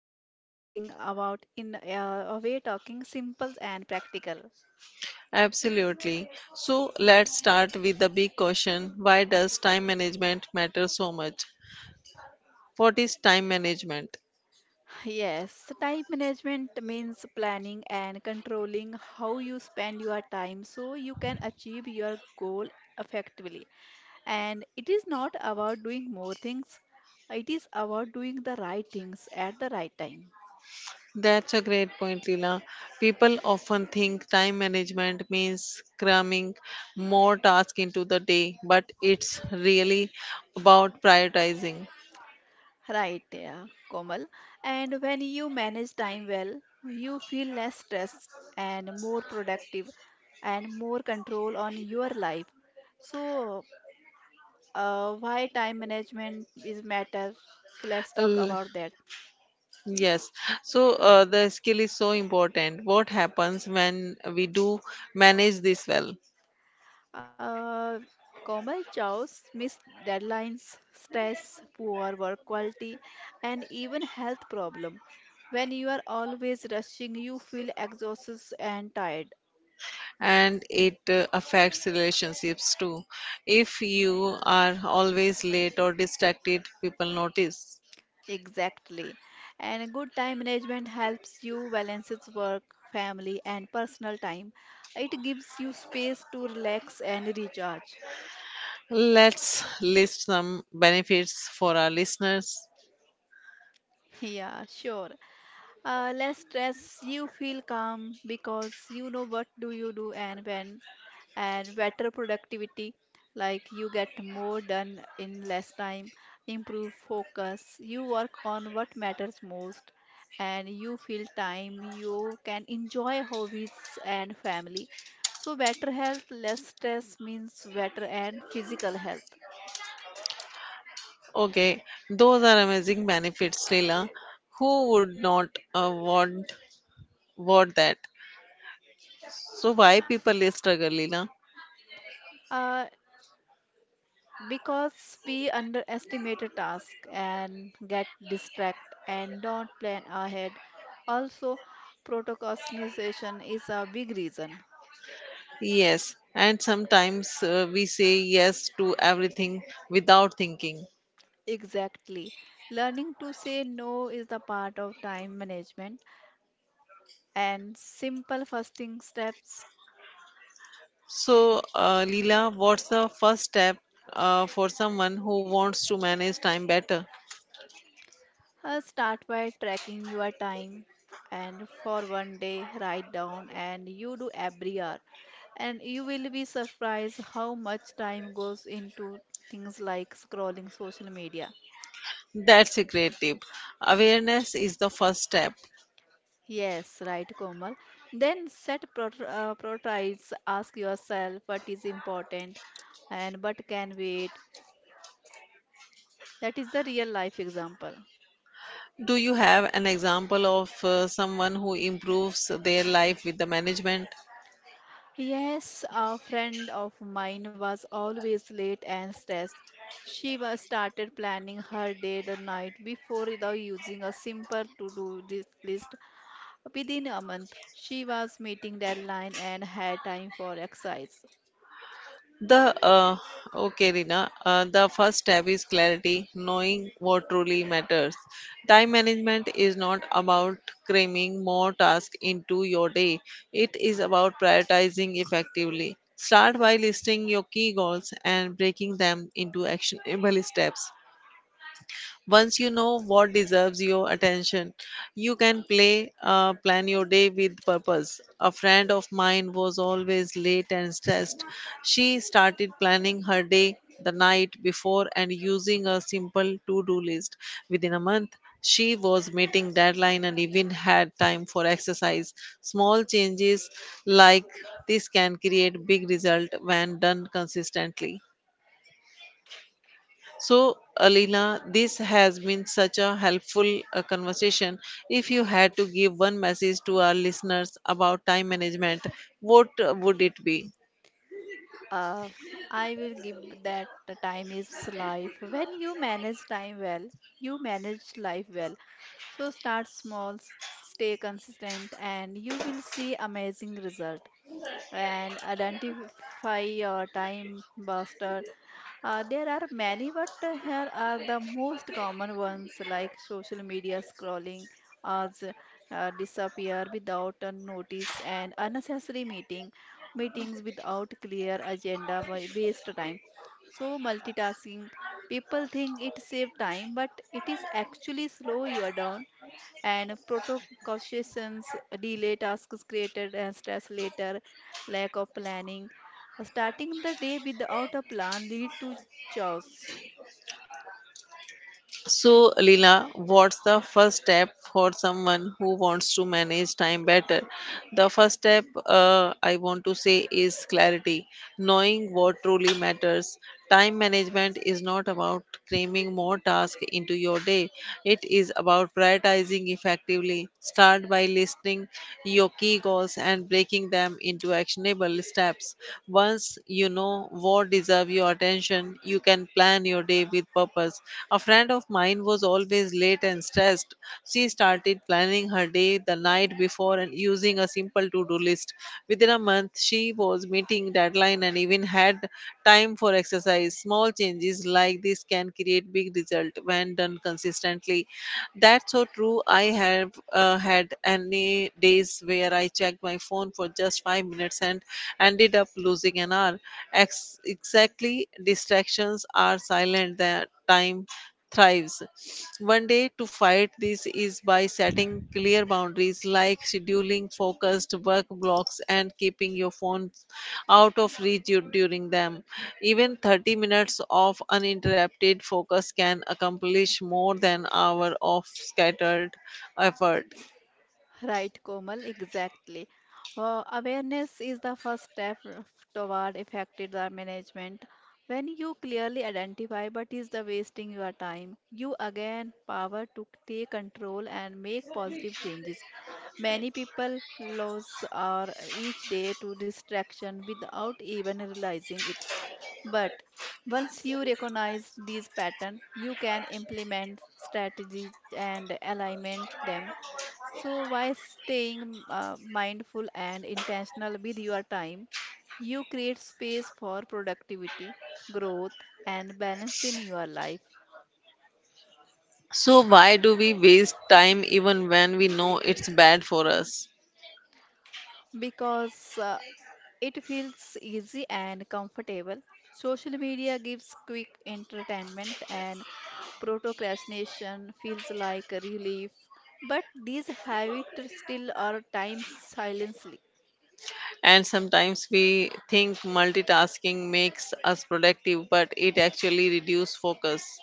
glad we are talking about in a way talking simple and practical. Absolutely. So let's start with the big question. Why does time management matter so much? What is time management? Yes, so time management means planning and controlling how you spend your time so you can achieve your goal effectively. And it is not about doing more things, it is about doing the right things at the right time. That's a great point, Leela. People often think time management means cramming more tasks into the day, but it's really about prioritizing. Right, yeah, Komal. And when you manage time well, you feel less stressed and more productive and more control on your life. So, why time management is matter? So let's talk L- about that. yes, so the skill is so important. What happens when we do manage this well? Uh, Komal Chow's missed deadlines, stress, poor work quality, and even health problem. When you are always rushing, you feel exhausted and tired. And it affects relationships too. If you are always late or distracted, people notice. Exactly. And a good time management helps you balances work, family, and personal time. It gives you space to relax and recharge. Let's list some benefits for our listeners. Yeah, sure. Less stress, you feel calm because you know what do you do and when. And better productivity, like you get more done in less time, improve focus, you work on what matters most, and you feel time you can enjoy hobbies and family. So better health, less stress means better and physical health. Okay, those are amazing benefits, Leela. Who would not uh, want want that? So why people struggle, Leela? uh, because we underestimate a task and get distracted and don't plan ahead. Also procrastination is a big reason. Yes, and sometimes we say yes to everything without thinking. Exactly. Learning to say no is the part of time management and simple fasting steps. So, Leela, what's the first step for someone who wants to manage time better? Start by tracking your time, and for 1 day write down and you do every hour, and you will be surprised how much time goes into things like scrolling social media. That's a great tip. Awareness is the first step. Yes, right, Komal. Then set priorities. Ask yourself what is important and what can wait. That is the real life example. Do you have an example of someone who improves their life with the management? Yes, a friend of mine was always late and stressed. She was started planning her day the night before without using a simple list. Within a month, she was meeting deadline and had time for exercise. The Okay, Rina. The first step is clarity, knowing what truly matters. Time management is not about cramming more tasks into your day. It is about prioritizing effectively. Start by listing your key goals and breaking them into actionable steps. Once you know what deserves your attention, you can play plan your day with purpose. A friend of mine was always late and stressed. She started planning her day the night before and using a simple to-do list. Within a month, she was meeting deadline and even had time for exercise. Small changes like this can create big result when done consistently. So, Alina, this has been such a helpful conversation. If you had to give one message to our listeners about time management, what would it be? Uh, I will give that the time is life. When you manage time well, you manage life well. So start small, stay consistent, and you will see amazing result and identify your time buster. There are many, but here are the most common ones, like social media scrolling, us disappear without a notice, and unnecessary meeting, meetings without clear agenda, waste time. So multitasking, people think it save time, but it is actually slow you are down. And protocausations delay tasks created and stress later. Lack of planning. Starting the day without a plan lead to chaos. So, Alina, what's the first step for someone who wants to manage time better? The first step I want to say is clarity, knowing what truly matters. Time management is not about cramming more tasks into your day, it is about prioritizing effectively. Start by listing your key goals and breaking them into actionable steps. Once you know what deserve your attention, you can plan your day with purpose. A friend of mine was always late and stressed. She started planning her day the night before and using a simple to-do list. Within a month, she was meeting deadline and even had time for exercise. Small changes like this can create big result when done consistently. That's so true. I have had any days where I checked my phone for just 5 minutes and ended up losing an hour. Exactly, distractions are silent that time thrives. One day to fight this is by setting clear boundaries like scheduling focused work blocks and keeping your phones out of reach during them. Even 30 minutes of uninterrupted focus can accomplish more than hour of scattered effort. Right, Komal, exactly. Awareness is the first step toward effective time management. When you clearly identify what is the wasting your time, you again power to take control and make positive changes. Many people lose our each day to distraction without even realizing it. But once you recognize these patterns, you can implement strategies and alignment them. So, by staying mindful and intentional with your time, you create space for productivity, growth, and balance in your life. So why do we waste time even when we know it's bad for us? Because it feels easy and comfortable. Social media gives quick entertainment, and procrastination feels like a relief. But these habits still are times silently. And sometimes we think multitasking makes us productive but it actually reduces focus.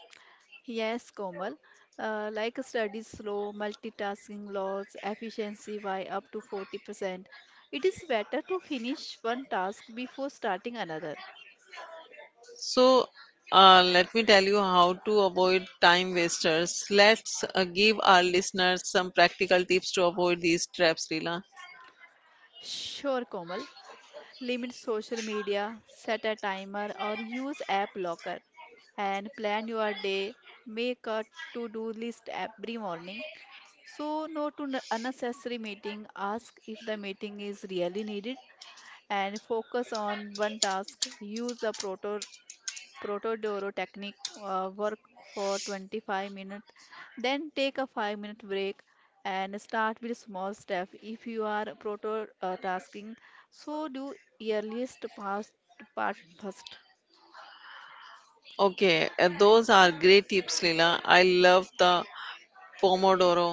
Yes, Komal. Like studies slow, multitasking loss, efficiency by up to 40%. It is better to finish one task before starting another. So let me tell you how to avoid time wasters. Let's give our listeners some practical tips to avoid these traps, lila. Sure, Komal. Limit social media, set a timer or use app locker, and plan your day. Make a to-do list every morning. So no to unnecessary meeting. Ask if the meeting is really needed and focus on one task. Use the Protodoro technique, work for 25 minutes, then take a 5-minute break and start with small step. If you are prototasking, so do earliest past part first. Okay, those are great tips, lila. I love the pomodoro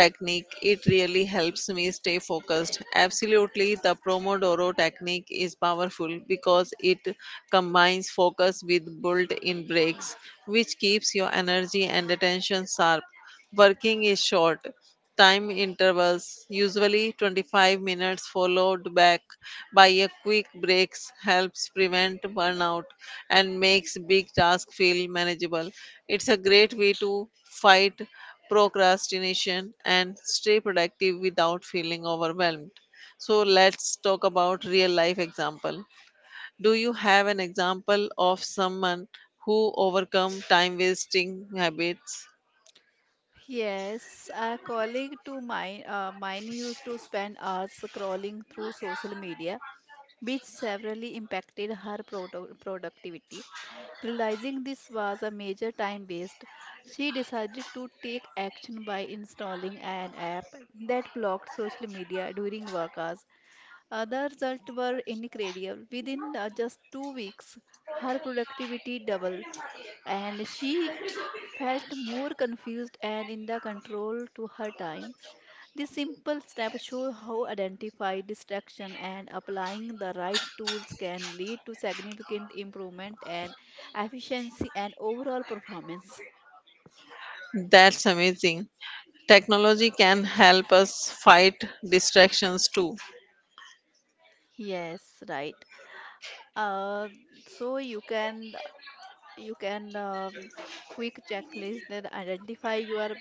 technique, it really helps me stay focused. Absolutely, the pomodoro technique is powerful because it combines focus with built-in breaks which keeps your energy and attention sharp. Working is short time intervals, usually 25 minutes, followed back by a quick breaks, helps prevent burnout and makes big tasks feel manageable. It's a great way to fight procrastination and stay productive without feeling overwhelmed. So let's talk about real life example. Do you have an example of someone who overcome time wasting habits? Yes, a colleague to mine, mine used to spend hours scrolling through social media, which severely impacted her productivity. Realizing this was a major time waste, she decided to take action by installing an app that blocked social media during work hours. The results were incredible. Within just 2 weeks, her productivity doubled, and she felt more confused and in the control to her time. These simple steps show how identifying distraction and applying the right tools can lead to significant improvement and efficiency and overall performance. That's amazing. Technology can help us fight distractions too. Yes, right. Uh, so you can you can quick checklist that identify your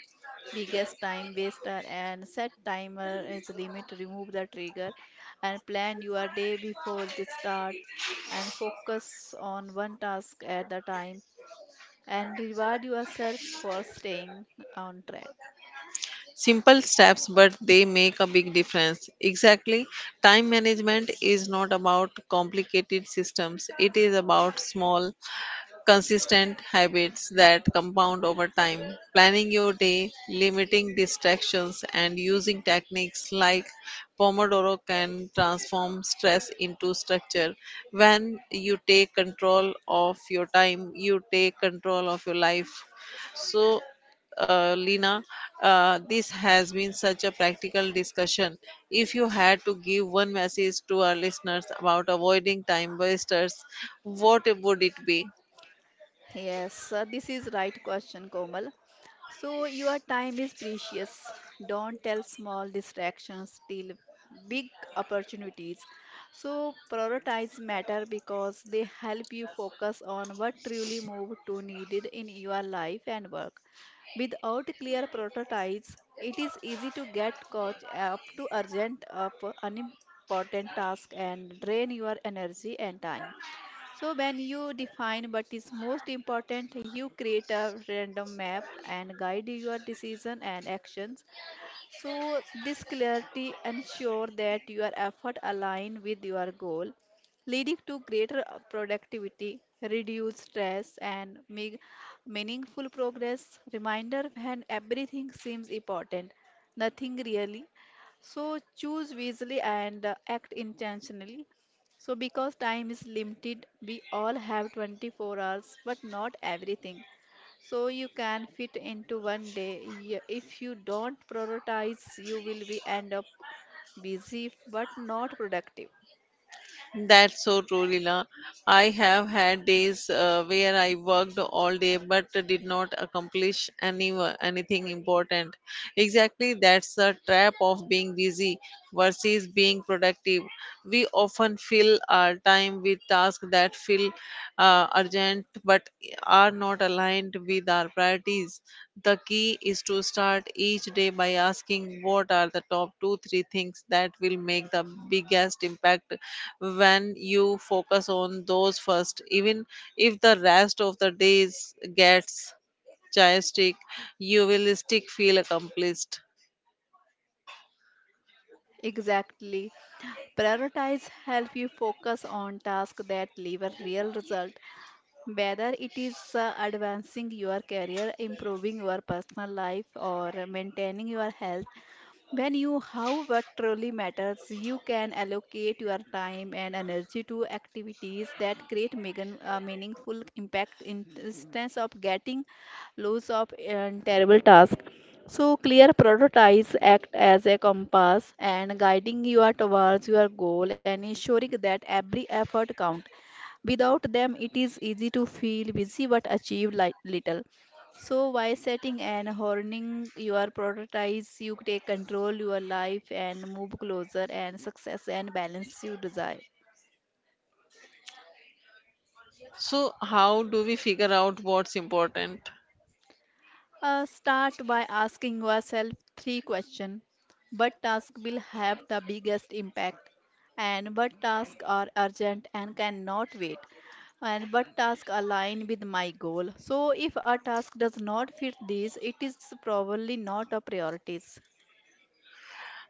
biggest time waster, and set timer as limit, remove the trigger, and plan your day before it starts, and focus on one task at a time, and reward yourself for staying on track. Simple steps, but they make a big difference. Exactly. Time management is not about complicated systems, it is about small, consistent habits that compound over time. Planning your day, limiting distractions, and using techniques like Pomodoro can transform stress into structure. When you take control of your time, you take control of your life. So, Lina, this has been such a practical discussion. If you had to give one message to our listeners about avoiding time wasters, what would it be? Yes, this is right question, Komal. So your time is precious. Don't tell small distractions, steal big opportunities. So prioritize matter because they help you focus on what truly move to needed in your life and work. Without clear prototypes, it is easy to get caught up to urgent up unimportant task and drain your energy and time. So when you define what is most important, you create a random map and guide your decision and actions. So this clarity ensure that your effort align with your goal, leading to greater productivity, reduce stress, and make meaningful progress. Reminder, when everything seems important, nothing really. So choose wisely and act intentionally. So because time is limited, we all have 24 hours, but not everything. So you can fit into 1 day. If you don't prioritize, you will be end up busy but not productive. That's so true, Leela. I have had days where I worked all day but did not accomplish anything important. Exactly, that's the trap of being busy versus being productive. We often fill our time with tasks that feel urgent but are not aligned with our priorities. The key is to start each day by asking what are the top two, three things that will make the biggest impact. When you focus on those first, even if the rest of the days gets chaotic, you will still feel accomplished. Exactly. Prioritize help you focus on tasks that deliver real result, whether it is advancing your career, improving your personal life, or maintaining your health. When you how what truly matters, you can allocate your time and energy to activities that create meaningful impact, instead of getting loads of terrible tasks. So clear priorities act as a compass and guiding you towards your goal and ensuring that every effort counts. Without them, it is easy to feel busy but achieve little. So, by setting and honing your priorities, you take control your life and move closer and success and balance you desire. So, how do we figure out what's important? Start by asking yourself three questions. What task will have the biggest impact? And what tasks are urgent and cannot wait? And what tasks align with my goal? So, if a task does not fit these, it is probably not a priority.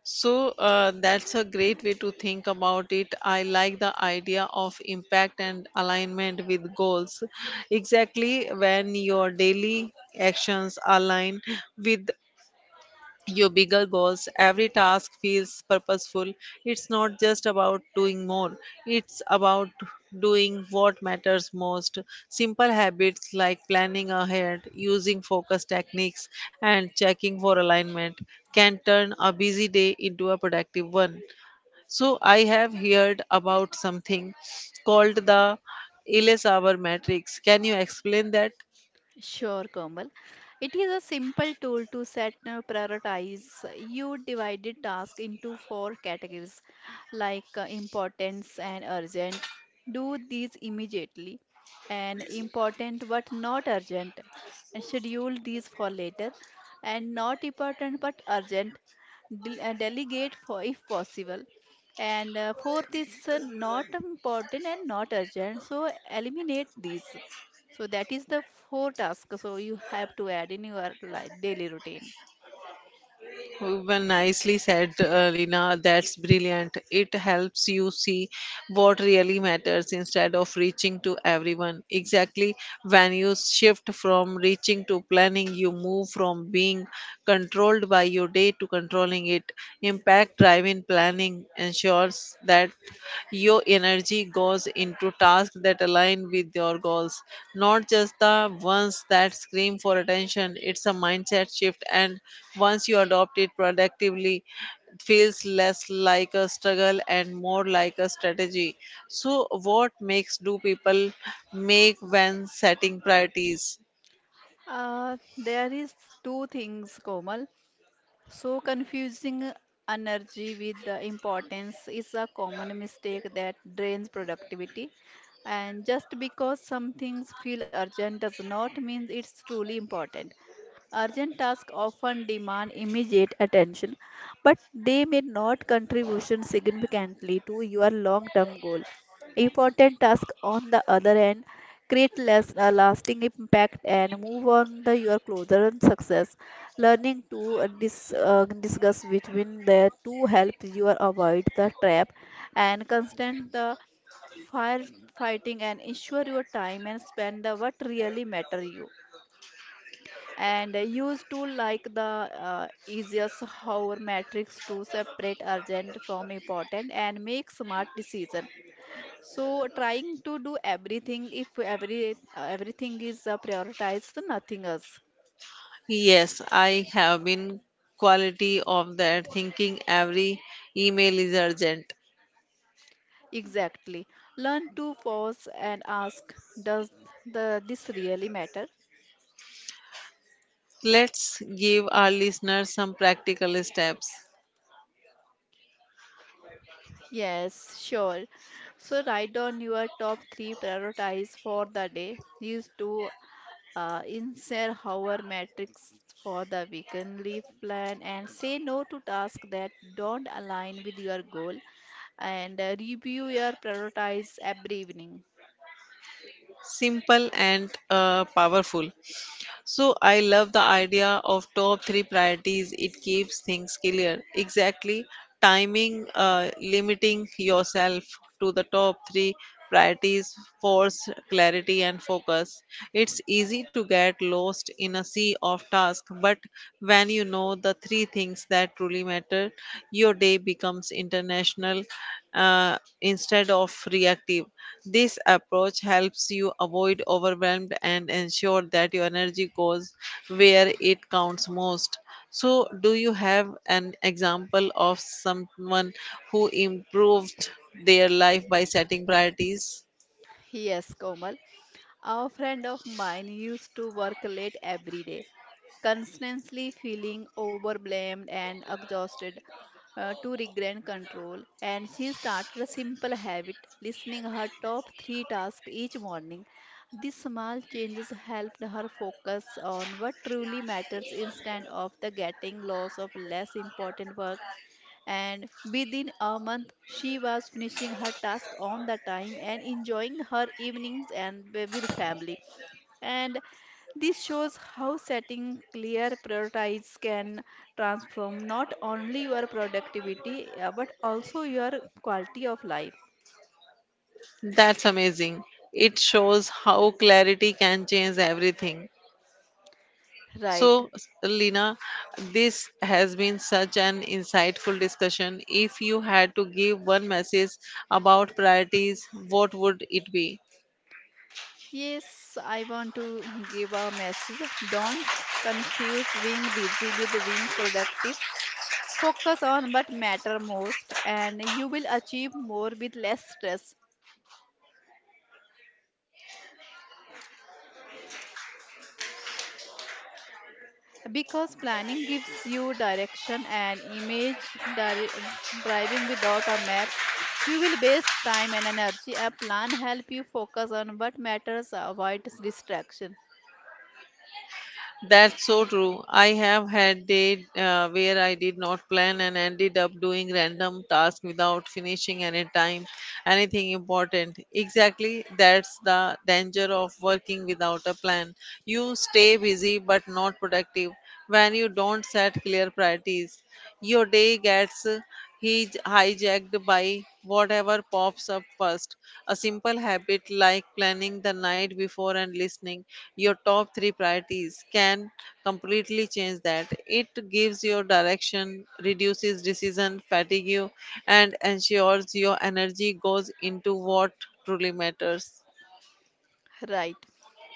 So that's a great way to think about it. I like the idea of impact and alignment with goals. Exactly, when your daily actions align with your bigger goals. Every task feels purposeful. It's not just about doing more, it's about doing what matters most. Simple habits like planning ahead, using focus techniques, and checking for alignment can turn a busy day into a productive one. So, I have heard about something called the Ellis hour matrix. Can you explain that? Sure, Komal. It is a simple tool to set prioritize. You divided task into four categories, like importance and urgent. Do these immediately. And important but not urgent, and schedule these for later. And not important but urgent, delegate for if possible. And fourth is not important and not urgent, so eliminate these. So that is the four tasks. So you have to add in your life, daily routine. Well, nicely said, Lina. That's brilliant. It helps you see what really matters instead of reaching to everyone. Exactly. When you shift from reaching to planning, you move from being controlled by your day to controlling it. Impact driven planning ensures that your energy goes into tasks that align with your goals, not just the ones that scream for attention. It's a mindset shift, and once you adopt it productively, it feels less like a struggle and more like a strategy. So, what makes do people make when setting priorities? There is two things, Komal. So confusing energy with the importance is a common mistake that drains productivity. And just because some things feel urgent does not mean it's truly important. Urgent tasks often demand immediate attention, but they may not contribute significantly to your long-term goal. Important tasks, on the other hand, create less a lasting impact and move on the your closer to success. Learning to discuss between the two helps you avoid the trap and constant the firefighting and ensure your time and spend the what really matter you. And use to like the easiest hover matrix to separate urgent from important and make smart decision. So trying to do everything, if everything is prioritized, nothing else. Yes, I have been quality of that thinking every email is urgent. Exactly, learn to pause and ask, does the this really matter? Let's give our listeners some practical steps, Yes, sure. So write down your top three priorities for the day. These two. Insert our metrics for the weekly plan, and say no to tasks that don't align with your goal, and review your prioritize every evening. simple and powerful. So, I love the idea of top three priorities, it keeps things clear. Exactly, timing, limiting yourself to the top three priorities force clarity and focus. It's easy to get lost in a sea of tasks but when you know the three things that truly matter your day becomes international, instead of reactive. This approach helps you avoid overwhelmed and ensure that your energy goes where it counts most. So, do you have an example of someone who improved their life by setting priorities? Yes, Komal. A friend of mine used to work late every day, constantly feeling overblamed and exhausted, to regain control. And she started a simple habit, listening her top three tasks each morning. These small changes helped her focus on what truly matters instead of the getting lost of less important work, and within a month she was finishing her task on the time and enjoying her evenings and with family. And this shows how setting clear priorities can transform not only your productivity but also your quality of life. That's amazing. It shows how clarity can change everything. Right. So, Lina, this has been such an insightful discussion. If you had to give one message about priorities, what would it be? Yes, I want to give a message. Don't confuse being busy with being productive. Focus on what matter most and you will achieve more with less stress, because planning gives you direction, and image dir- driving without a map, you will waste time and energy. A plan help you focus on what matters, avoid distraction. That's so true. I have had day where I did not plan and ended up doing random tasks without finishing anything important. Exactly, that's the danger of working without a plan. You stay busy but not productive when you don't set clear priorities. Your day gets He's hijacked by whatever pops up first. A simple habit like planning the night before and listening your top three priorities can completely change that. It gives your direction, reduces decision fatigue, and ensures your energy goes into what truly matters. Right,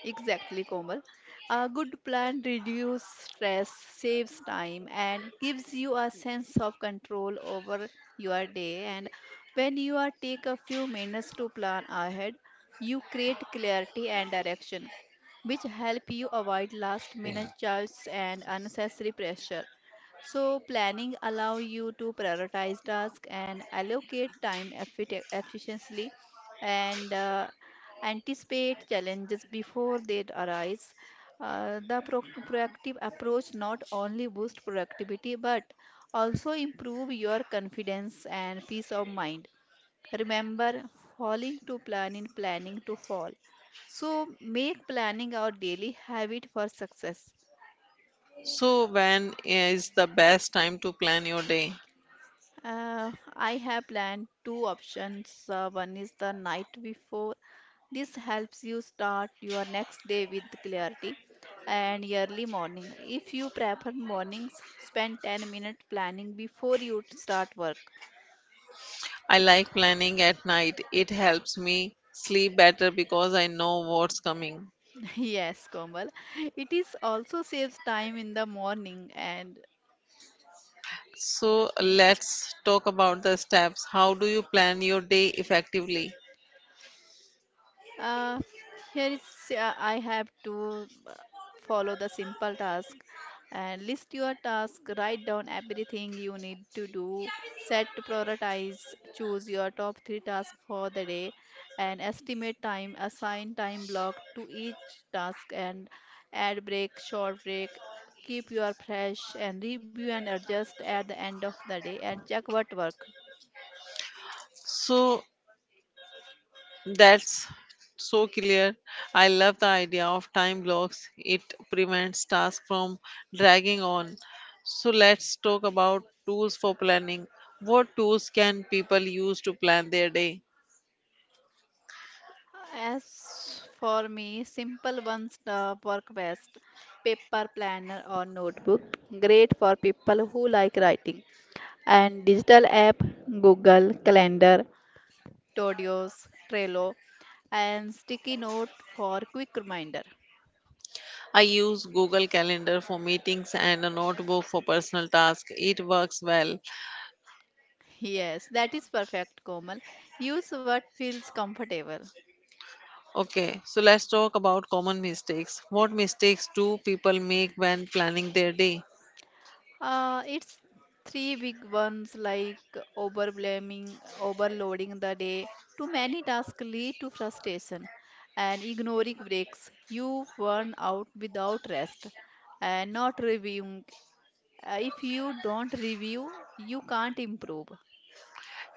exactly, Komal. A good plan reduces stress, saves time, and gives you a sense of control over your day. And when you are take a few minutes to plan ahead, you create clarity and direction, which help you avoid last minute chaos and unnecessary pressure. So planning allow you to prioritize tasks and allocate time efficiently and anticipate challenges before they arise. The proactive approach not only boosts productivity but also improve your confidence and peace of mind. Remember, falling to plan in planning to fall. So make planning our daily habit for success. So, when is the best time to plan your day? I have planned two options. One is the night before. This helps you start your next day with clarity and early morning. If you prefer mornings, spend 10 minutes planning before you start work. I like planning at night. It helps me sleep better because I know what's coming. Yes, Komal. It is also saves time in the morning and So let's talk about the steps. How do you plan your day effectively? Uh, here is I have to follow the simple task and list your task, write down everything you need to do, set to prioritize, choose your top three tasks for the day, and estimate time, assign time block to each task, and add break, short break. Keep your fresh and review and adjust at the end of the day and check what work. So that's so clear. I love the idea of time blocks. It prevents tasks from dragging on. So let's talk about tools for planning. What tools can people use to plan their day? As for me, simple ones work best. Paper planner or notebook, great for people who like writing. And digital app, Google Calendar, Todoist, Trello, and sticky note for quick reminder. I use Google Calendar for meetings and a notebook for personal tasks. It works well. Yes, that is perfect, Komal. Use what feels comfortable. Okay, so let's talk about common mistakes. What mistakes do people make when planning their day? It's three big ones like overblaming, overloading the day. Too many tasks lead to frustration and ignoring breaks. You burn out without rest and not reviewing. If you don't review, you can't improve.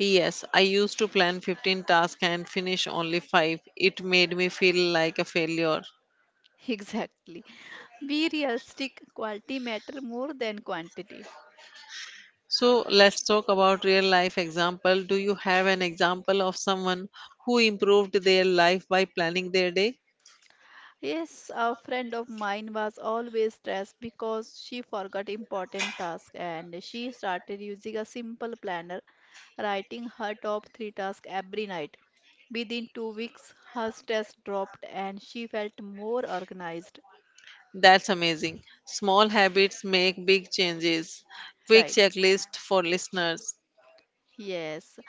Yes, I used to plan 15 tasks and finish only 5. It made me feel like a failure. Exactly. Be realistic. Quality matter more than quantity. So let's talk about real life example. Do you have an example of someone who improved their life by planning their day? Yes, a friend of mine was always stressed because she forgot important tasks and she started using a simple planner, writing her top three tasks every night. Within 2 weeks, her stress dropped and she felt more organized. That's amazing. Small habits make big changes. Quick Right. checklist for listeners. Yes.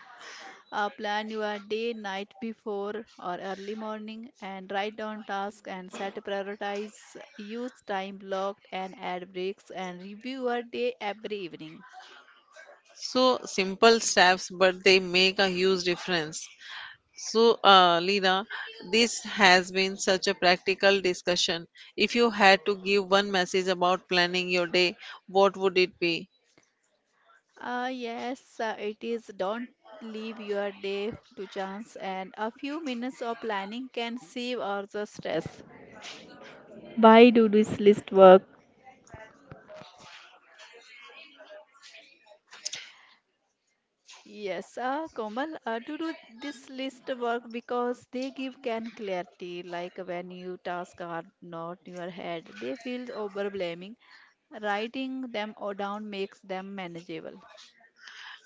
Plan your day, night before or early morning and write down tasks and set prioritize. Use time blocked and add breaks and review your day every evening. So simple steps, but they make a huge difference. So, Lina, this has been such a practical discussion. If you had to give one message about planning your day, what would it be? Yes, it is. Don't leave your day to chance, and a few minutes of planning can save all the stress. Why do this list work? Yes, Komal, to do this list work because they give can clarity. Like when you tasks are not in your head, they feel overwhelming. Writing them or down makes them manageable.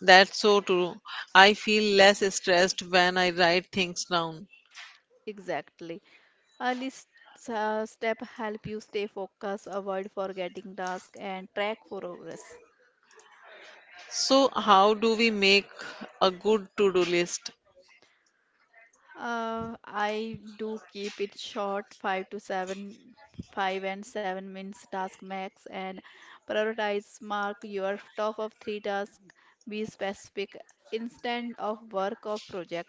That's so true. I feel less stressed when I write things down. Exactly. Early s- Step help you stay focused, avoid forgetting tasks, and track progress. So, how do we make a good to do list? I do keep it short, five to seven, 5 and 7 minutes task max, and prioritize. Mark your top of three tasks. Be specific. Instead of work of project,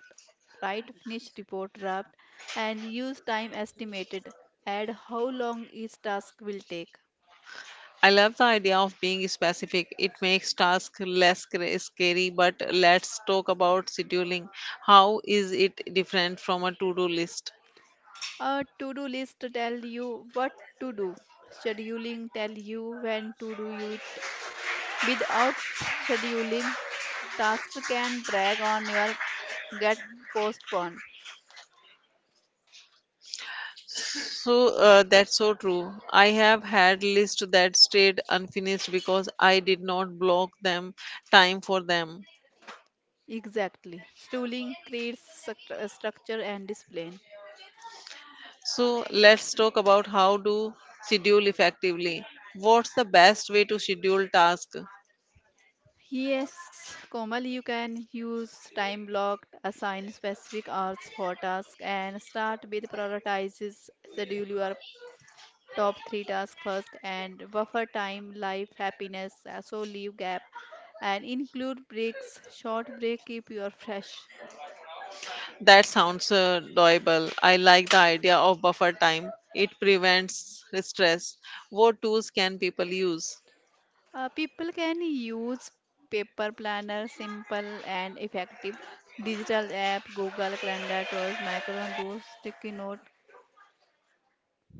write finish report draft, and use time estimated. Add how long each task will take. I love the idea of being specific. It makes tasks less scary, but let's talk about scheduling. How is it different from a to do list? A to-do list tell you what to do. Scheduling tell you when to do you it. Without scheduling, tasks can drag on your get postponed. So that's so true. I have had lists that stayed unfinished because I did not block them time for them. Exactly. Scheduling creates structure and discipline. So let's talk about how to schedule effectively. What's the best way to schedule tasks? Yes, Komal, you can use time block, assign specific hours for task, and start with prioritizes. Schedule your top three tasks first and buffer time, life, happiness, so leave gap and include breaks, short break keep you fresh. That sounds doable. I like the idea of buffer time. It prevents stress. What tools can people use? People can use paper planner, simple and effective. Digital app, Google Calendar, Tools, Micron, Tools, Sticky Note.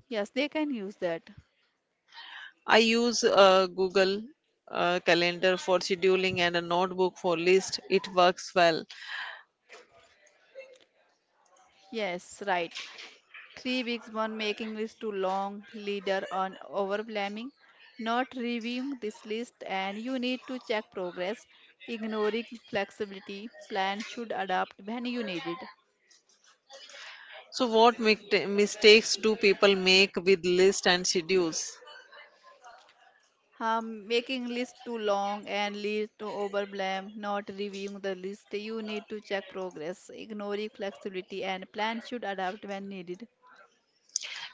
Yes, they can use that. I use Google Calendar for scheduling and a notebook for list. It works well. Yes, right. 3 weeks. One making list too long, leader on overblaming, not reviewing this list, and you need to check progress, ignoring flexibility, plan should adapt when you need it. So, what mistakes do people make with list and schedules? Making list too long and leads to overblame, not reviewing the list, you need to check progress, ignoring flexibility, and plan should adapt when needed.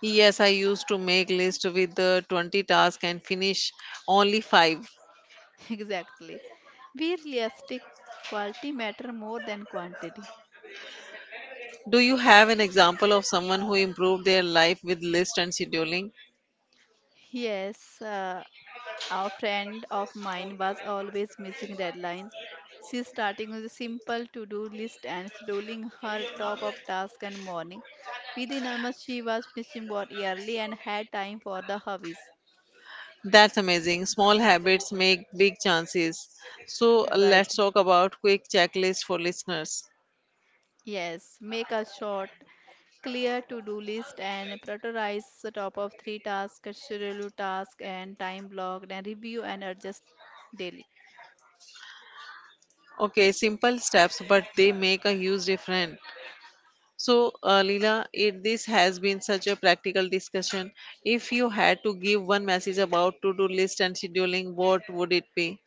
Yes, I used to make list with the 20 tasks and finish only 5. Exactly. Be realistic, quality matter more than quantity. Do you have an example of someone who improved their life with list and scheduling? Yes, a friend of mine was always missing deadlines. She's starting with a simple to-do list and scheduling her top-up task and morning. Within a month, she was finishing work early and had time for the hobbies. That's amazing. Small habits make big chances. So, Right. let's talk about quick checklist for listeners. Yes, make a short, clear to-do list and prioritize the top of three tasks, schedule task and time block, and review and adjust daily. Okay, simple steps, but they make a huge difference. So, Leela, this has been such a practical discussion. If you had to give one message about to-do list and scheduling, what would it be?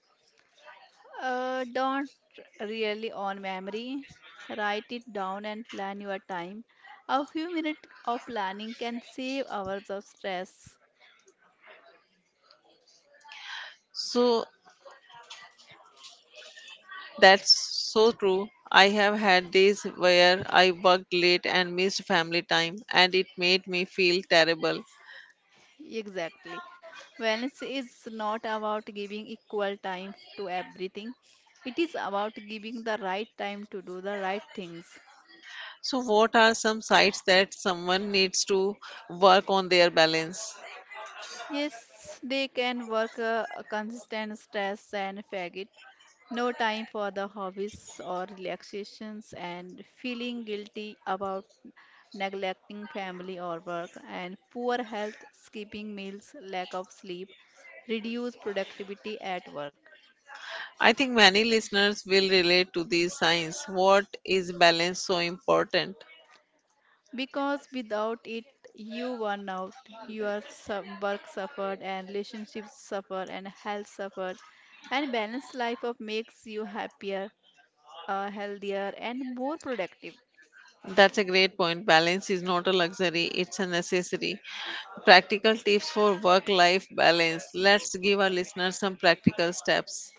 Don't really on memory. Write it down and plan your time. A few minutes of planning can save hours of stress. So, that's so true. I have had days where I worked late and missed family time, and it made me feel terrible. Exactly. Wellness is not about giving equal time to everything. It is about giving the right time to do the right things. So, what are some sites that someone needs to work on their balance? Yes, they can work a consistent stress and fatigue, no time for the hobbies or relaxations and feeling guilty about neglecting family or work and poor health, skipping meals, lack of sleep, reduce productivity at work. I think many listeners will relate to these signs. What is balance so important? Because without it, you burn out, your work suffered and relationships suffer and health suffered and balanced life of makes you happier, healthier and more productive. That's a great point. Balance is not a luxury, it's a necessity. Practical tips for work life balance. Let's give our listeners some practical steps.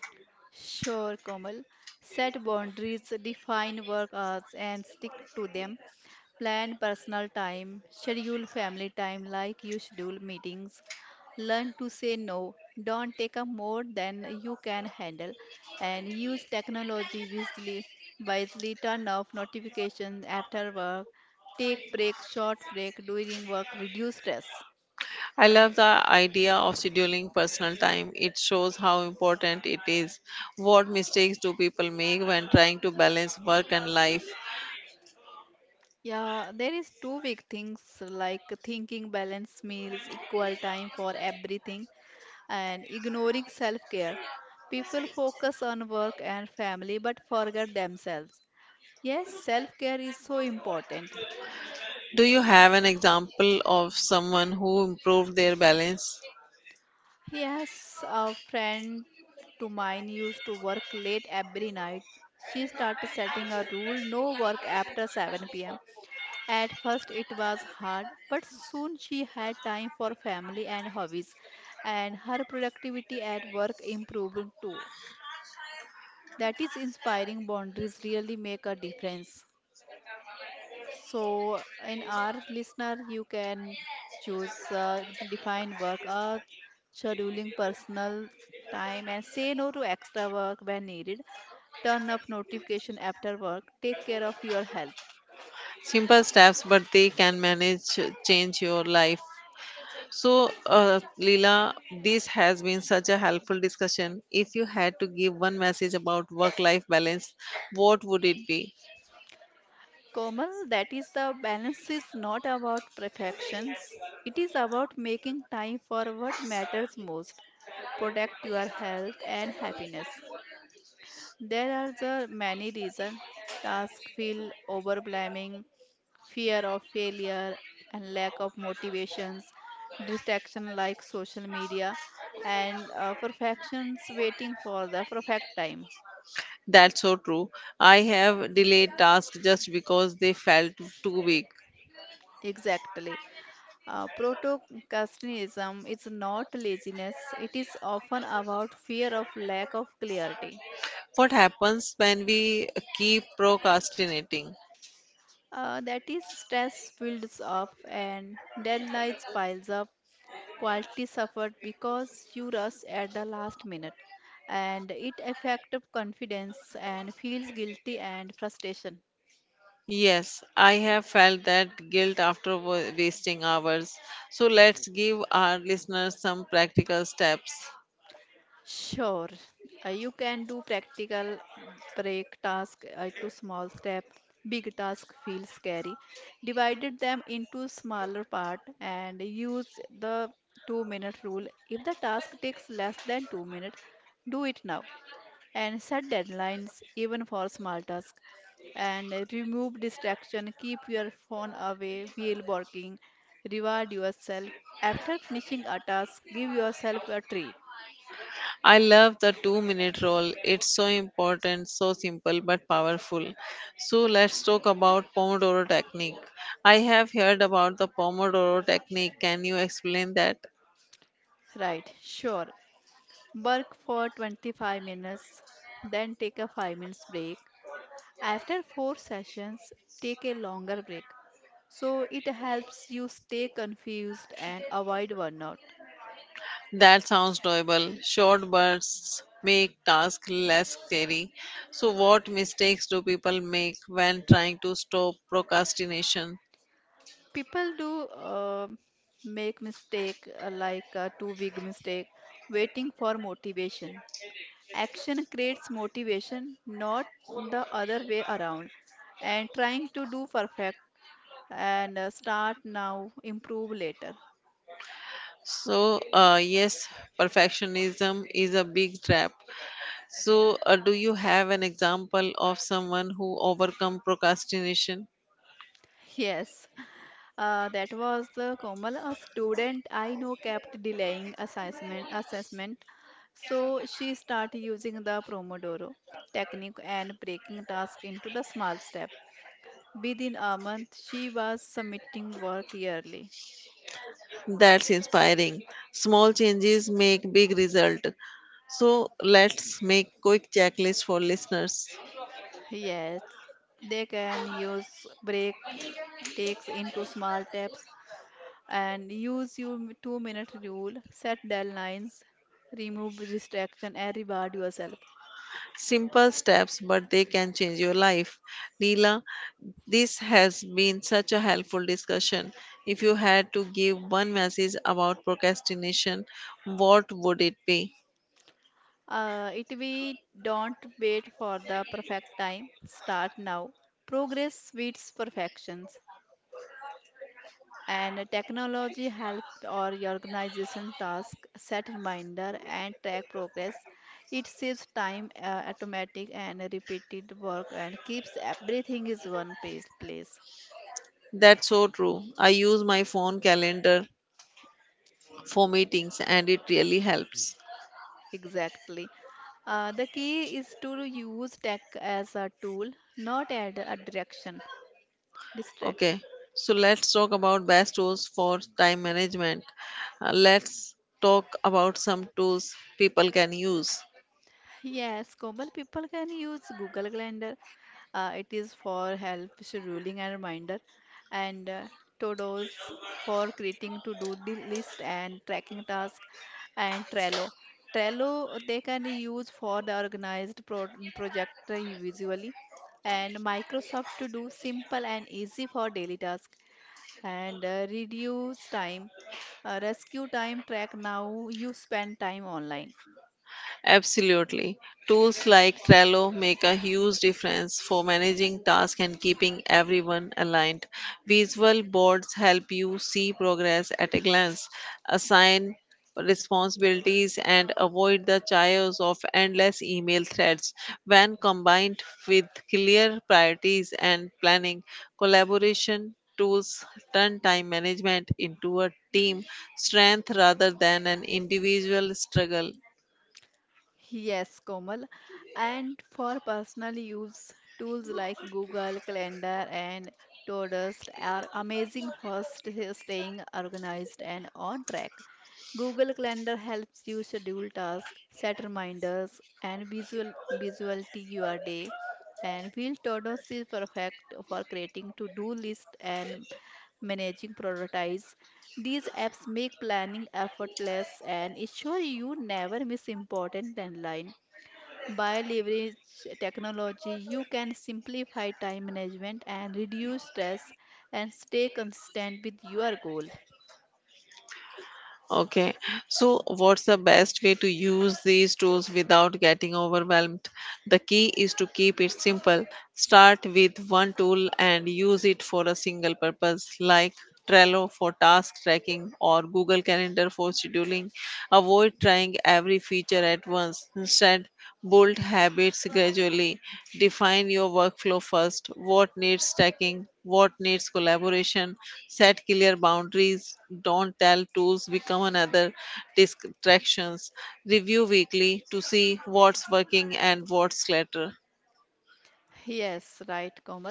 Sure, Komal. Set boundaries, define work hours and stick to them. Plan personal time, schedule family time like you schedule meetings. Learn to say no. Don't take up more than you can handle and use technology wisely. Wisely turn off notifications after work. Take breaks, short break during work, reduce stress. I love the idea of scheduling personal time. It shows how important it is. What mistakes do people make when trying to balance work and life? Yeah, there is two big things like thinking balanced meals, equal time for everything, and ignoring self-care. People focus on work and family but forget themselves. Yes, self-care is so important. Do you have an example of someone who improved their balance? Yes, a friend to mine used to work late every night. She started setting a rule no work after 7 pm. At first, it was hard, but soon she had time for family and hobbies, and her productivity at work improved too. That is inspiring. Boundaries really make a difference. So, in our listener, you can choose define work, scheduling personal time, and say no to extra work when needed. Turn off notification after work. Take care of your health. Simple steps, but they can manage change your life. So, Leela, this has been such a helpful discussion. If you had to give one message about work life balance, what would it be? Komal, that is the balance is not about perfections. It is about making time for what matters most. Protect your health and happiness. There are the many reasons. Task feel overwhelming, fear of failure and lack of motivations, distraction like social media, and perfections waiting for the perfect time. That's so true. I have delayed tasks just because they felt too big. Exactly. Proto is not laziness, it is often about fear of lack of clarity. What happens when we keep procrastinating? That is, stress builds up and deadlines piles up, quality suffered because you rush at the last minute, and it affects confidence and feels guilty and frustration. Yes, I have felt that guilt after wasting hours. So, let's give our listeners some practical steps. Sure, you can do practical break task to small step. Big task feels scary. Divided them into smaller part and use the 2 minute rule. If the task takes less than 2 minutes, do it now. And set deadlines even for small tasks. And remove distraction. Keep your phone away while working. Reward yourself. After finishing a task, give yourself a treat. I love the 2 minute rule. It's so important, so simple but powerful. So let's talk about Pomodoro technique. I have heard about the Pomodoro technique. Can you explain that? Right, sure. Work for 25 minutes, then take a 5 minutes break. After 4 sessions, take a longer break. So it helps you stay confused and avoid burnout. That sounds doable. Short bursts make tasks less scary. So what mistakes do people make when trying to stop procrastination? People do make mistake like a too big mistake waiting for motivation. Action creates motivation, not the other way around. And trying to do perfect and start now, improve later. So, yes, perfectionism is a big trap. So, do you have an example of someone who overcome procrastination? Yes, that was the Komal, a student I know kept delaying assessment. So she started using the Pomodoro technique and breaking tasks into the small step. Within a month, she was submitting work yearly. That's inspiring. Small changes make big result. So, let's make quick checklist for listeners. Yes, they can use break takes into small steps and use your 2 minute rule, set deadlines, remove distraction, and reward yourself. Simple steps, but they can change your life. Neela, this has been such a helpful discussion. If you had to give one message about procrastination, what would it be? It we don't wait for the perfect time. Start now. Progress beats perfections. And technology help or your organization task set reminder and track progress. It saves time, automatic and repeated work and keeps everything is one place. That's so true. I use my phone calendar for meetings and it really helps. Exactly. The key is to use tech as a tool, not as a direction, distraction. Okay, so let's talk about best tools for time management. Let's talk about some tools people can use. Yes, Komal, people can use Google Calendar. It is for help scheduling and reminder, and Todoist for creating list and tracking task, and Trello. Trello they can use for the organized project visually, and Microsoft to do simple and easy for daily task and reduce time, rescue time track. Now you spend time online. Absolutely. Tools like Trello make a huge difference for managing tasks and keeping everyone aligned. Visual boards help you see progress at a glance, assign responsibilities, and avoid the chaos of endless email threads. When combined with clear priorities and planning, collaboration tools turn time management into a team strength rather than an individual struggle. Yes, Komal. And for personal use, tools like Google Calendar and Todoist are amazing for staying organized and on track. Google Calendar helps you schedule tasks, set reminders, and visuality your day. And Wheel Todoist is perfect for creating to-do list and managing priorities. These apps make planning effortless and ensure you never miss important deadline. By leverage technology, you can simplify time management and reduce stress and stay consistent with your goal. Okay, so what's the best way to use these tools without getting overwhelmed? The key is to keep it simple. Start with one tool and use it for a single purpose, like Trello for task tracking or Google Calendar for scheduling. Avoid trying every feature at once. Instead, bold habits gradually define your workflow first. What needs stacking? What needs collaboration? Set clear boundaries. Don't tell tools become another distractions. Review weekly to see what's working and what's clutter. Yes, right, Komal.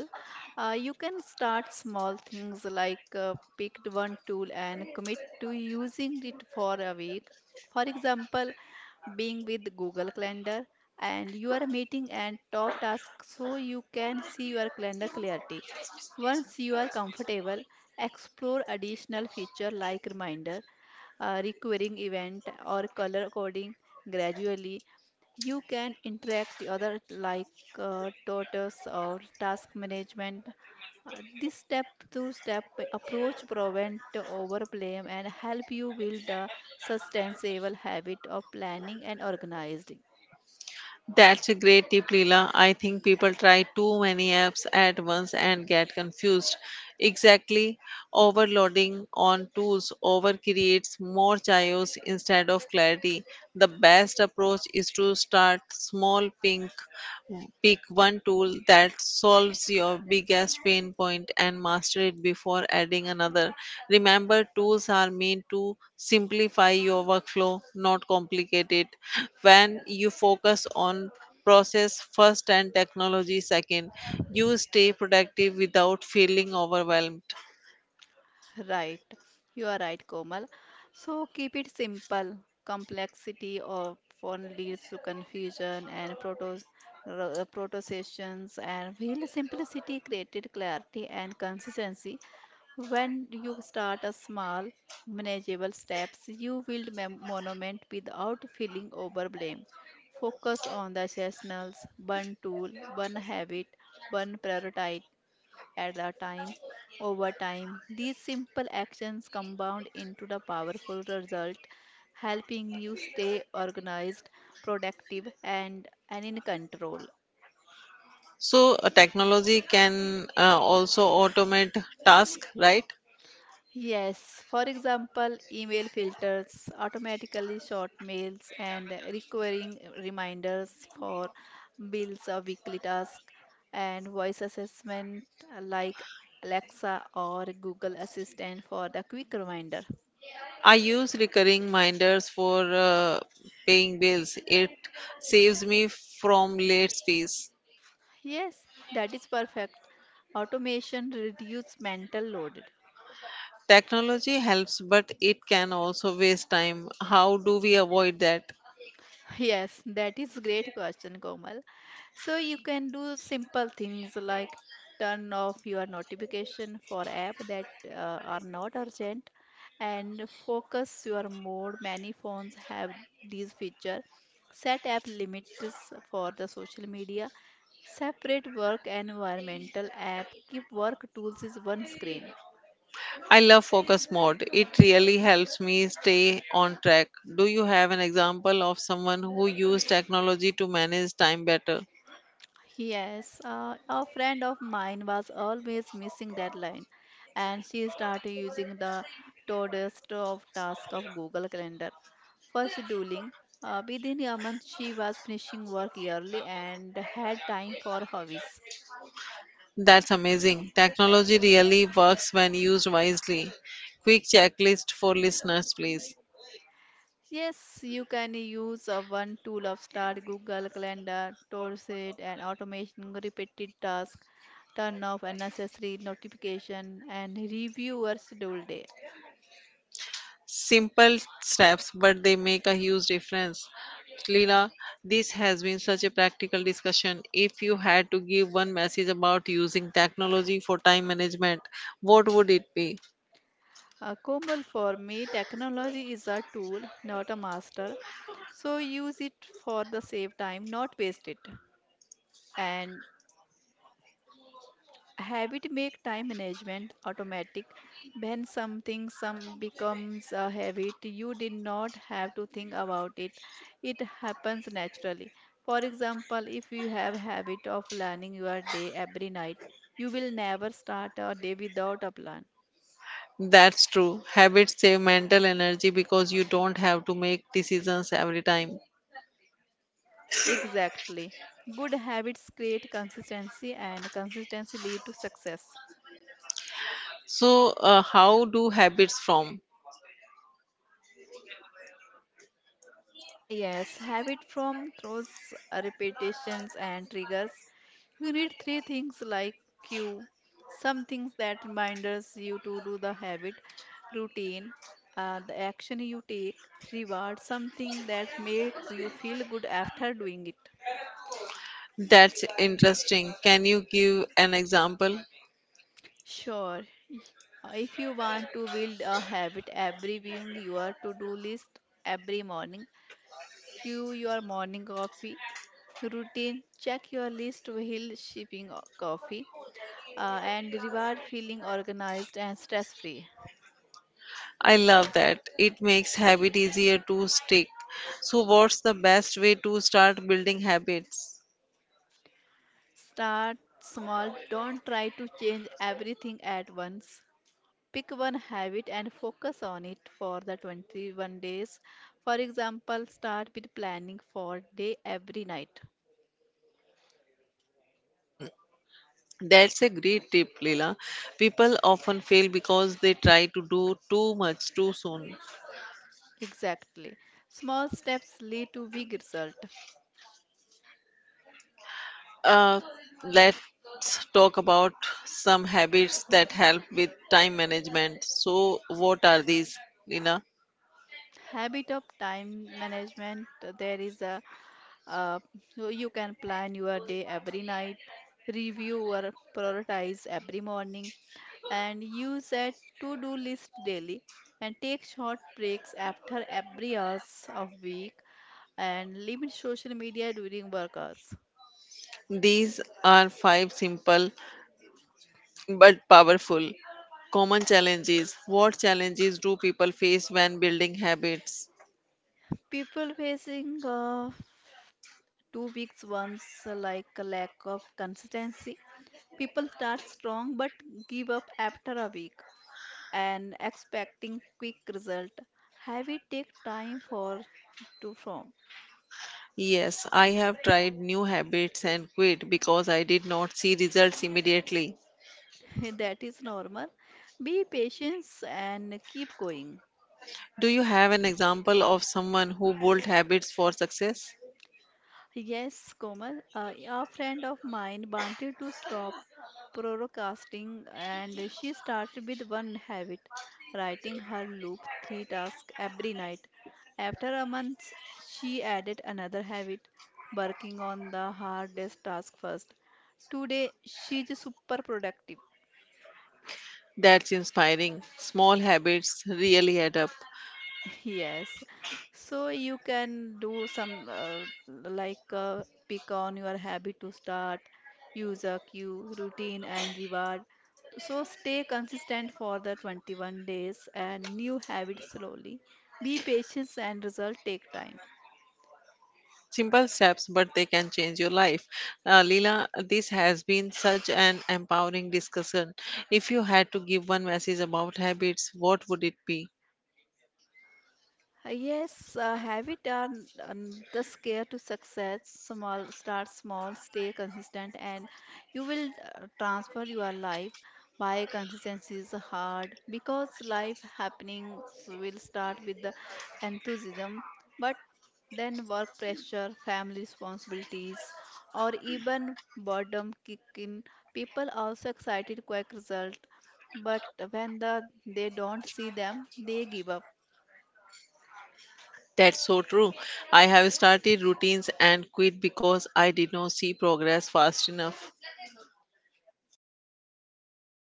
You can start small things like picked one tool and commit to using it for a week. For example, being with Google Calendar and your meeting and top tasks so you can see your calendar clarity. Once you are comfortable, explore additional feature like reminder, recurring event or color coding gradually you can interact the other like tortoise or task management. This step-to-step approach prevent overblame and help you build a sustainable habit of planning and organized. That's a great tip, Leela. I think people try too many apps at once and get confused. Exactly, overloading on tools over creates more chaos instead of clarity. The best approach is to start small, pink pick one tool that solves your biggest pain point and master it before adding another. Remember, tools are meant to simplify your workflow, not complicate it. When you focus on process first and technology second, you stay productive without feeling overwhelmed. Right, you are right, Komal. So keep it simple. Complexity often leads to confusion and protestations, and real simplicity created clarity and consistency. When you start a small, manageable steps, you build monument without feeling overwhelmed. Focus on the chestnuts, one tool, one habit, one priority, at a time. Over time, these simple actions compound into the powerful result, helping you stay organized, productive, and in control. So, technology can also automate tasks, right? Yes, for example, email filters, automatically short mails, and recurring reminders for bills or weekly tasks, and voice assessment like Alexa or Google Assistant for the quick reminder. I use recurring reminders for paying bills. It saves me from late fees. Yes, that is perfect. Automation reduce mental load. Technology helps, but it can also waste time. How do we avoid that? Yes, that is great question, Komal. So you can do simple things like turn off your notification for app that are not urgent and focus your mode. Many phones have these feature. Set app limits for the social media. Separate work and environmental app. Keep work tools is one screen. I love focus mode. It really helps me stay on track. Do you have an example of someone who used technology to manage time better? Yes, a friend of mine was always missing deadline, and she started using the Todoist of task of Google Calendar for scheduling. Within a month, she was finishing work yearly and had time for hobbies. That's amazing. Technology really works when used wisely. Quick checklist for listeners, please. Yes, you can use a one tool of start Google Calendar, Todoist, and automation repeated task, turn off unnecessary notification, and review your schedule day. Simple steps, but they make a huge difference. Leela, this has been such a practical discussion. If you had to give one message about using technology for time management, what would it be? Komal, for me, technology is a tool, not a master. So use it for the save time, not waste it. And habit make time management automatic. When something some becomes a habit, you did not have to think about it. It happens naturally. For example, if you have habit of planning your day every night, you will never start a day without a plan. That's true. Habits save mental energy because you don't have to make decisions every time. Exactly. Good habits create consistency and consistency lead to success. So, how do habits form? Yes, habit from throws repetitions and triggers. You need three things like cue, some things that reminders you to do the habit, routine, the action you take, reward, something that makes you feel good after doing it. That's interesting. Can you give an example? Sure. y- If you want to build a habit, every viewing your to-do list every morning, cue your morning coffee routine. Check your list while sipping coffee and reward feeling organized and stress free. I love that. It makes habit easier to stick. So what's the best way to start building habits? Start small. Don't try to change everything at once. Pick one habit and focus on it for the 21 days. For example, start with planning for day every night. That's a great tip, Leela. People often fail because they try to do too much too soon. Exactly. Small steps lead to big result. Uh, let's talk about some habits that help with time management. So, what are these, Leela? Habit of time management there is a uh, so you can plan your day every night, review or prioritize every morning, and use a to-do list daily, and take short breaks after every hours of week, and limit social media during work hours. These are five simple but powerful. Common challenges. What challenges do people face when building habits? People facing 2 weeks once like a lack of consistency, people start strong but give up after a week and expecting quick result, have it take time for to form. Yes, I have tried new habits and quit because I did not see results immediately. That is normal, be patient and keep going. Do you have an example of someone who built habits for success? Yes, Komal, a friend of mine wanted to stop procrastinating and she started with one habit, writing her loop three tasks every night. After a month, she added another habit, working on the hardest task first. Today, she's super productive. That's inspiring. Small habits really add up. Yes. So you can do some like uh, pick on your habit to start, use a cue, routine and reward. So stay consistent for the 21 days and new habits slowly. Be patient and result take time. Simple steps, but they can change your life. Leela, this has been such an empowering discussion. If you had to give one message about habits, what would it be? Yes, have it done the scare to success. Small, start small, stay consistent, and you will transfer your life by consistency is hard because life happenings will start with the enthusiasm, but then work pressure, family responsibilities, or even boredom kick in. People also excited quick result, but when they don't see them, they give up. That's so true. I have started routines and quit because I did not see progress fast enough.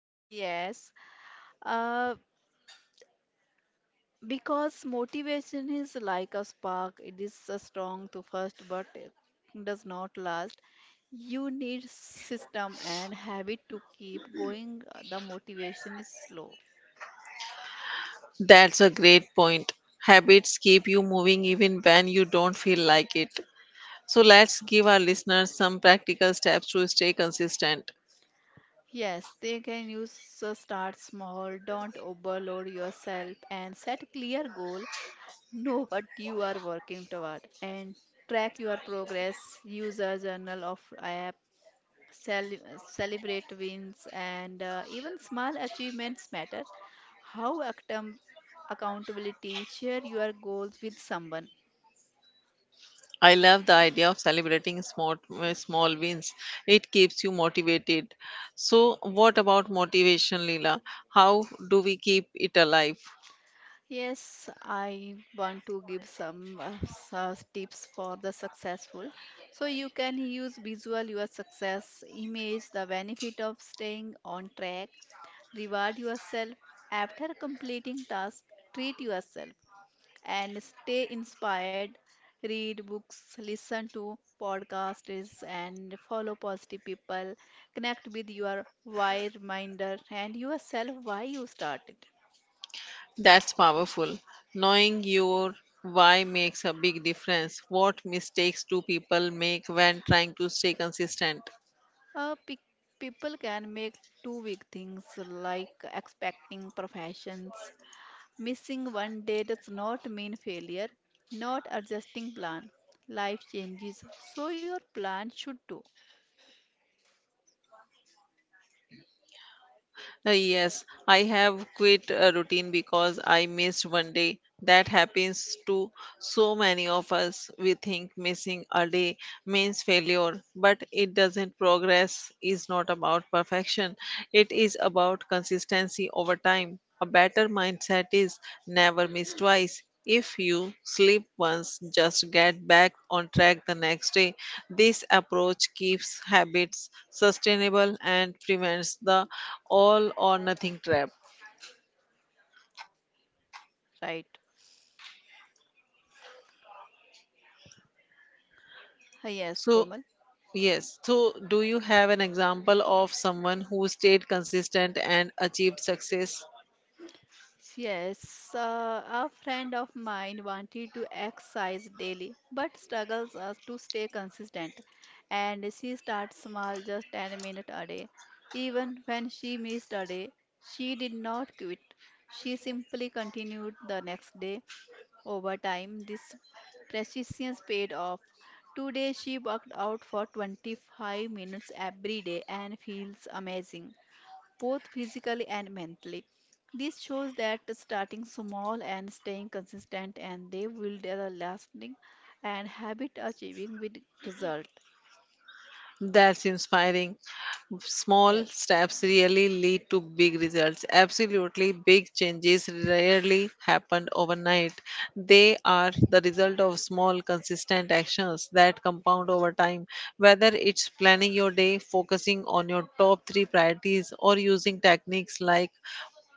Yes, Uh, because motivation is like a spark, it is so strong to first, but it does not last. You need system and habit to keep going. The motivation is slow. That's a great point. Habits keep you moving even when you don't feel like it. So let's give our listeners some practical steps to stay consistent. Yes, they can use so start small, don't overload yourself and set clear goal. Know what you are working toward and track your progress. Use a journal of app, celebrate wins and even small achievements matter, how account- accountability share your goals with someone. I love the idea of celebrating small wins. It keeps you motivated. So, what about motivation, Leela? How do we keep it alive? Yes, I want to give some tips for the successful, so you can use visual your success image the benefit of staying on track, reward yourself after completing task, treat yourself and stay inspired. Read books, listen to podcasts, and follow positive people. Connect with your why reminder and yourself why you started. That's powerful. Knowing your why makes a big difference. What mistakes do people make when trying to stay consistent? Uh, pe- People can make two big things like expecting professions. Missing one day does not mean failure, not adjusting plan. Life changes, so your plan should too, Yes, I have quit a routine because I missed one day. That happens to so many of us. We think missing a day means failure, but it doesn't. Progress is not about perfection, it is about consistency over time. A better mindset is never miss twice. If you sleep once, just get back on track the next day. This approach keeps habits sustainable and prevents the all or nothing trap. right? Yes, Komal. So, yes, so do you have an example of someone who stayed consistent and achieved success? Yes, a friend of mine wanted to exercise daily but struggles us to stay consistent. And she starts small, just 10 minutes a day. Even when she missed a day, she did not quit. She simply continued the next day. Over time, this persistence paid off. Today, she worked out for 25 minutes every day and feels amazing both physically and mentally. This shows that starting small and staying consistent and they will develop lasting and habit achieving with result. That's inspiring. Yes, Small steps really lead to big results. Absolutely, big changes rarely happen overnight. They are the result of small, consistent actions that compound over time. Whether it's planning your day, focusing on your top three priorities, or using techniques like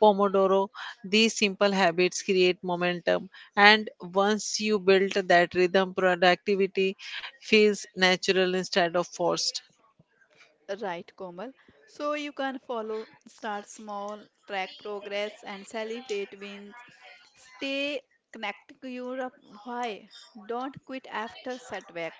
Pomodoro. These simple habits create momentum, and once you build that rhythm, productivity feels natural instead of forced. right, Komal. So you can follow, start small, track progress and celebrate wins. Stay connected to your why. Don't quit after setbacks.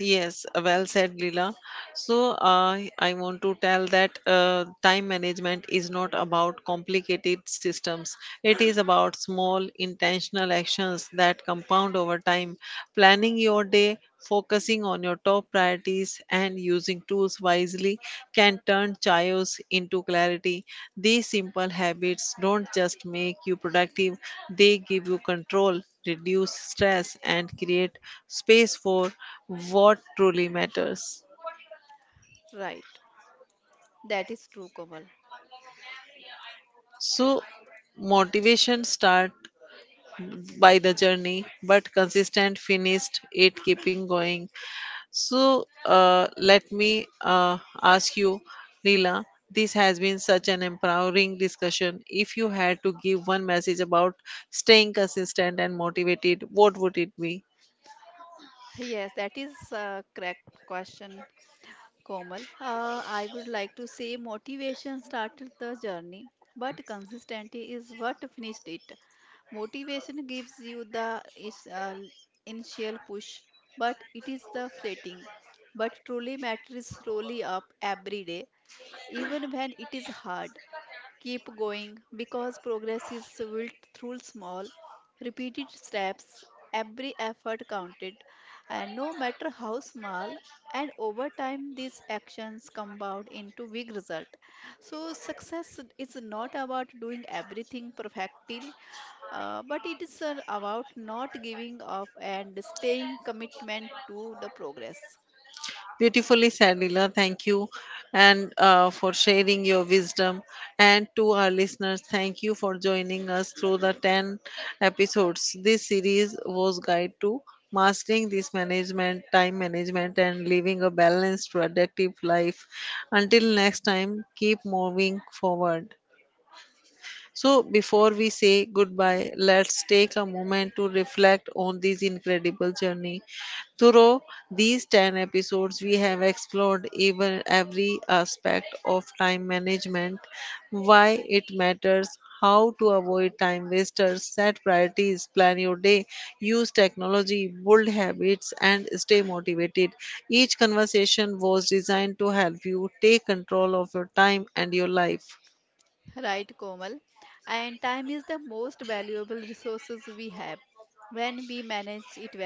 Yes, well said, Leela. So, I want to tell that time management is not about complicated systems. It is about small, intentional actions that compound over time. Planning your day, focusing on your top priorities and using tools wisely can turn chaos into clarity. These simple habits don't just make you productive, they give you control, reduce stress, and create space for what truly matters. Right. That is true, Komal. So, motivation start by the journey but consistent finished it keeping going. So let me ask you, Leela, this has been such an empowering discussion. If you had to give one message about staying consistent and motivated, what would it be? Yes, that is a correct question. Komal, I would like to say motivation started the journey, but consistency is what finished it. Motivation gives you the initial push, but it is the fleeting. But truly matters slowly up every day, even when it is hard. Keep going because progress is built through small, repeated steps, every effort counted, and no matter how small, and over time these actions compound into big result. So success is not about doing everything perfectly, but it is about not giving up and staying commitment to the progress. Beautifully said, Leela. Thank you, and for sharing your wisdom. And to our listeners, thank you for joining us through the ten episodes. This series was guide to mastering this management, time management, and living a balanced, productive life. Until next time, keep moving forward. So, before we say goodbye, let's take a moment to reflect on this incredible journey. Through these 10 episodes, we have explored even every aspect of time management, why it matters, how to avoid time wasters, set priorities, plan your day, use technology, build habits, and stay motivated. Each conversation was designed to help you take control of your time and your life. Right, Komal. And time is the most valuable resources we have. When we manage it well,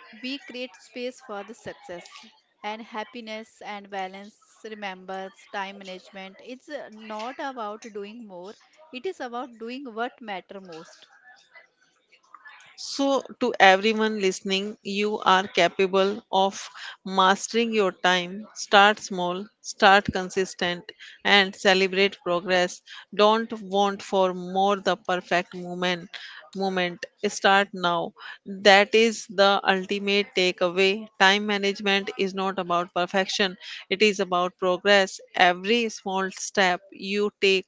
we create space for the success and happiness and balance. Remember, time management. It's not about doing more. It is about doing what matter most. So, to everyone listening, you are capable of mastering your time. Start small, start consistent, and celebrate progress. Don't want for more the perfect moment. Moment start now. That is the ultimate takeaway. Time management is not about perfection action. It is about progress. Every small step you take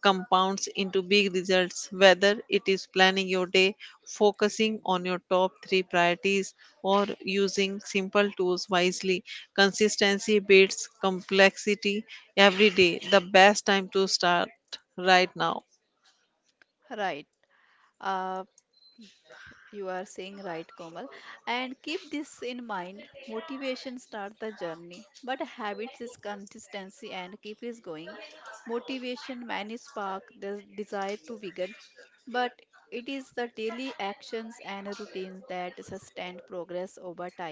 compounds into big results, whether it is planning your day, focusing on your top three priorities, or using simple tools wisely. Consistency beats complexity every day. The best time to start right now. Right. Uh, you are saying right, Komal. And keep this in mind. Motivation starts the journey, but habits is consistency and keep is going. Motivation may spark the desire to begin, but it is the daily actions and routines that sustain progress over time.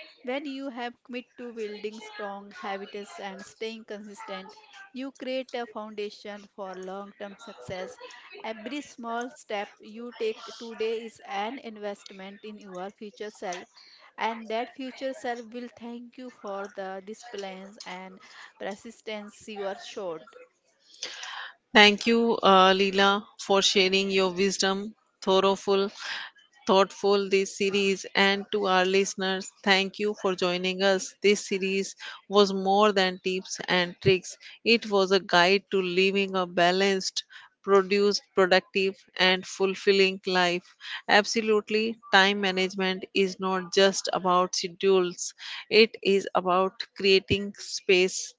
When you have commit to building strong habits and staying consistent, you create a foundation for long-term success. Every small step you take today is an investment in your future self, and that future self will thank you for the disciplines and persistence you are showed. Thank you, Leela, for sharing your wisdom, thoroughful thoughtful this series and to our listeners thank you for joining us this series was more than tips and tricks it was a guide to living a balanced produced productive and fulfilling life. Absolutely, time management is not just about schedules, it is about creating space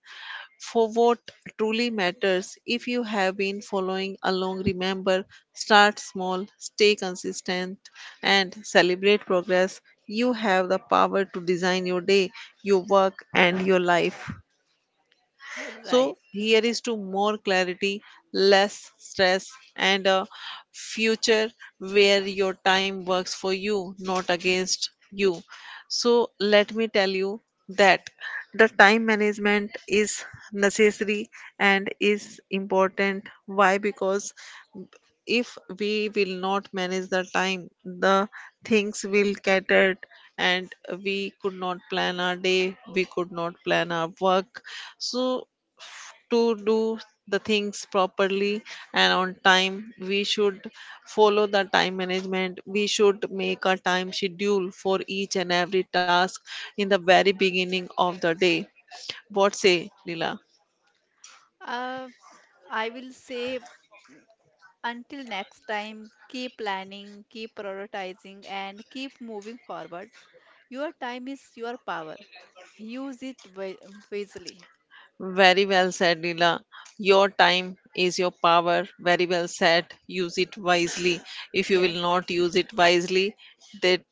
for what truly matters. If you have been following along, remember start small, stay consistent, and celebrate progress. You have the power to design your day, your work, and your life. Right. So, here is to more clarity, less stress, and a future where your time works for you, not against you. So, let me tell you that the time management is necessary and is important. Why? Because if we will not manage the time, the things will cater and we could not plan our day, we could not plan our work. So, to do the things properly and on time we should follow the time management, we should make a time schedule for each and every task in the very beginning of the day. What say, Lila? Uh, I will say, until next time, keep planning, keep prioritizing, and keep moving forward. Your time is your power. Use it wisely. Very well said, Leela. Your time is your power. Very well said. Use it wisely. If you Yes. will not use it wisely, that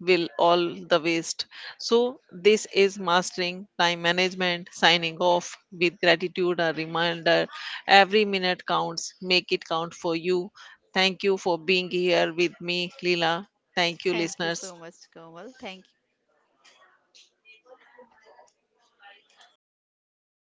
will all the waste. So, this is Mastering Time Management. Signing off with gratitude, a reminder every minute counts. Make it count for you. Thank you for being here with me, Leela. Thank you, Thank you so listeners. much, Komal. Thank you.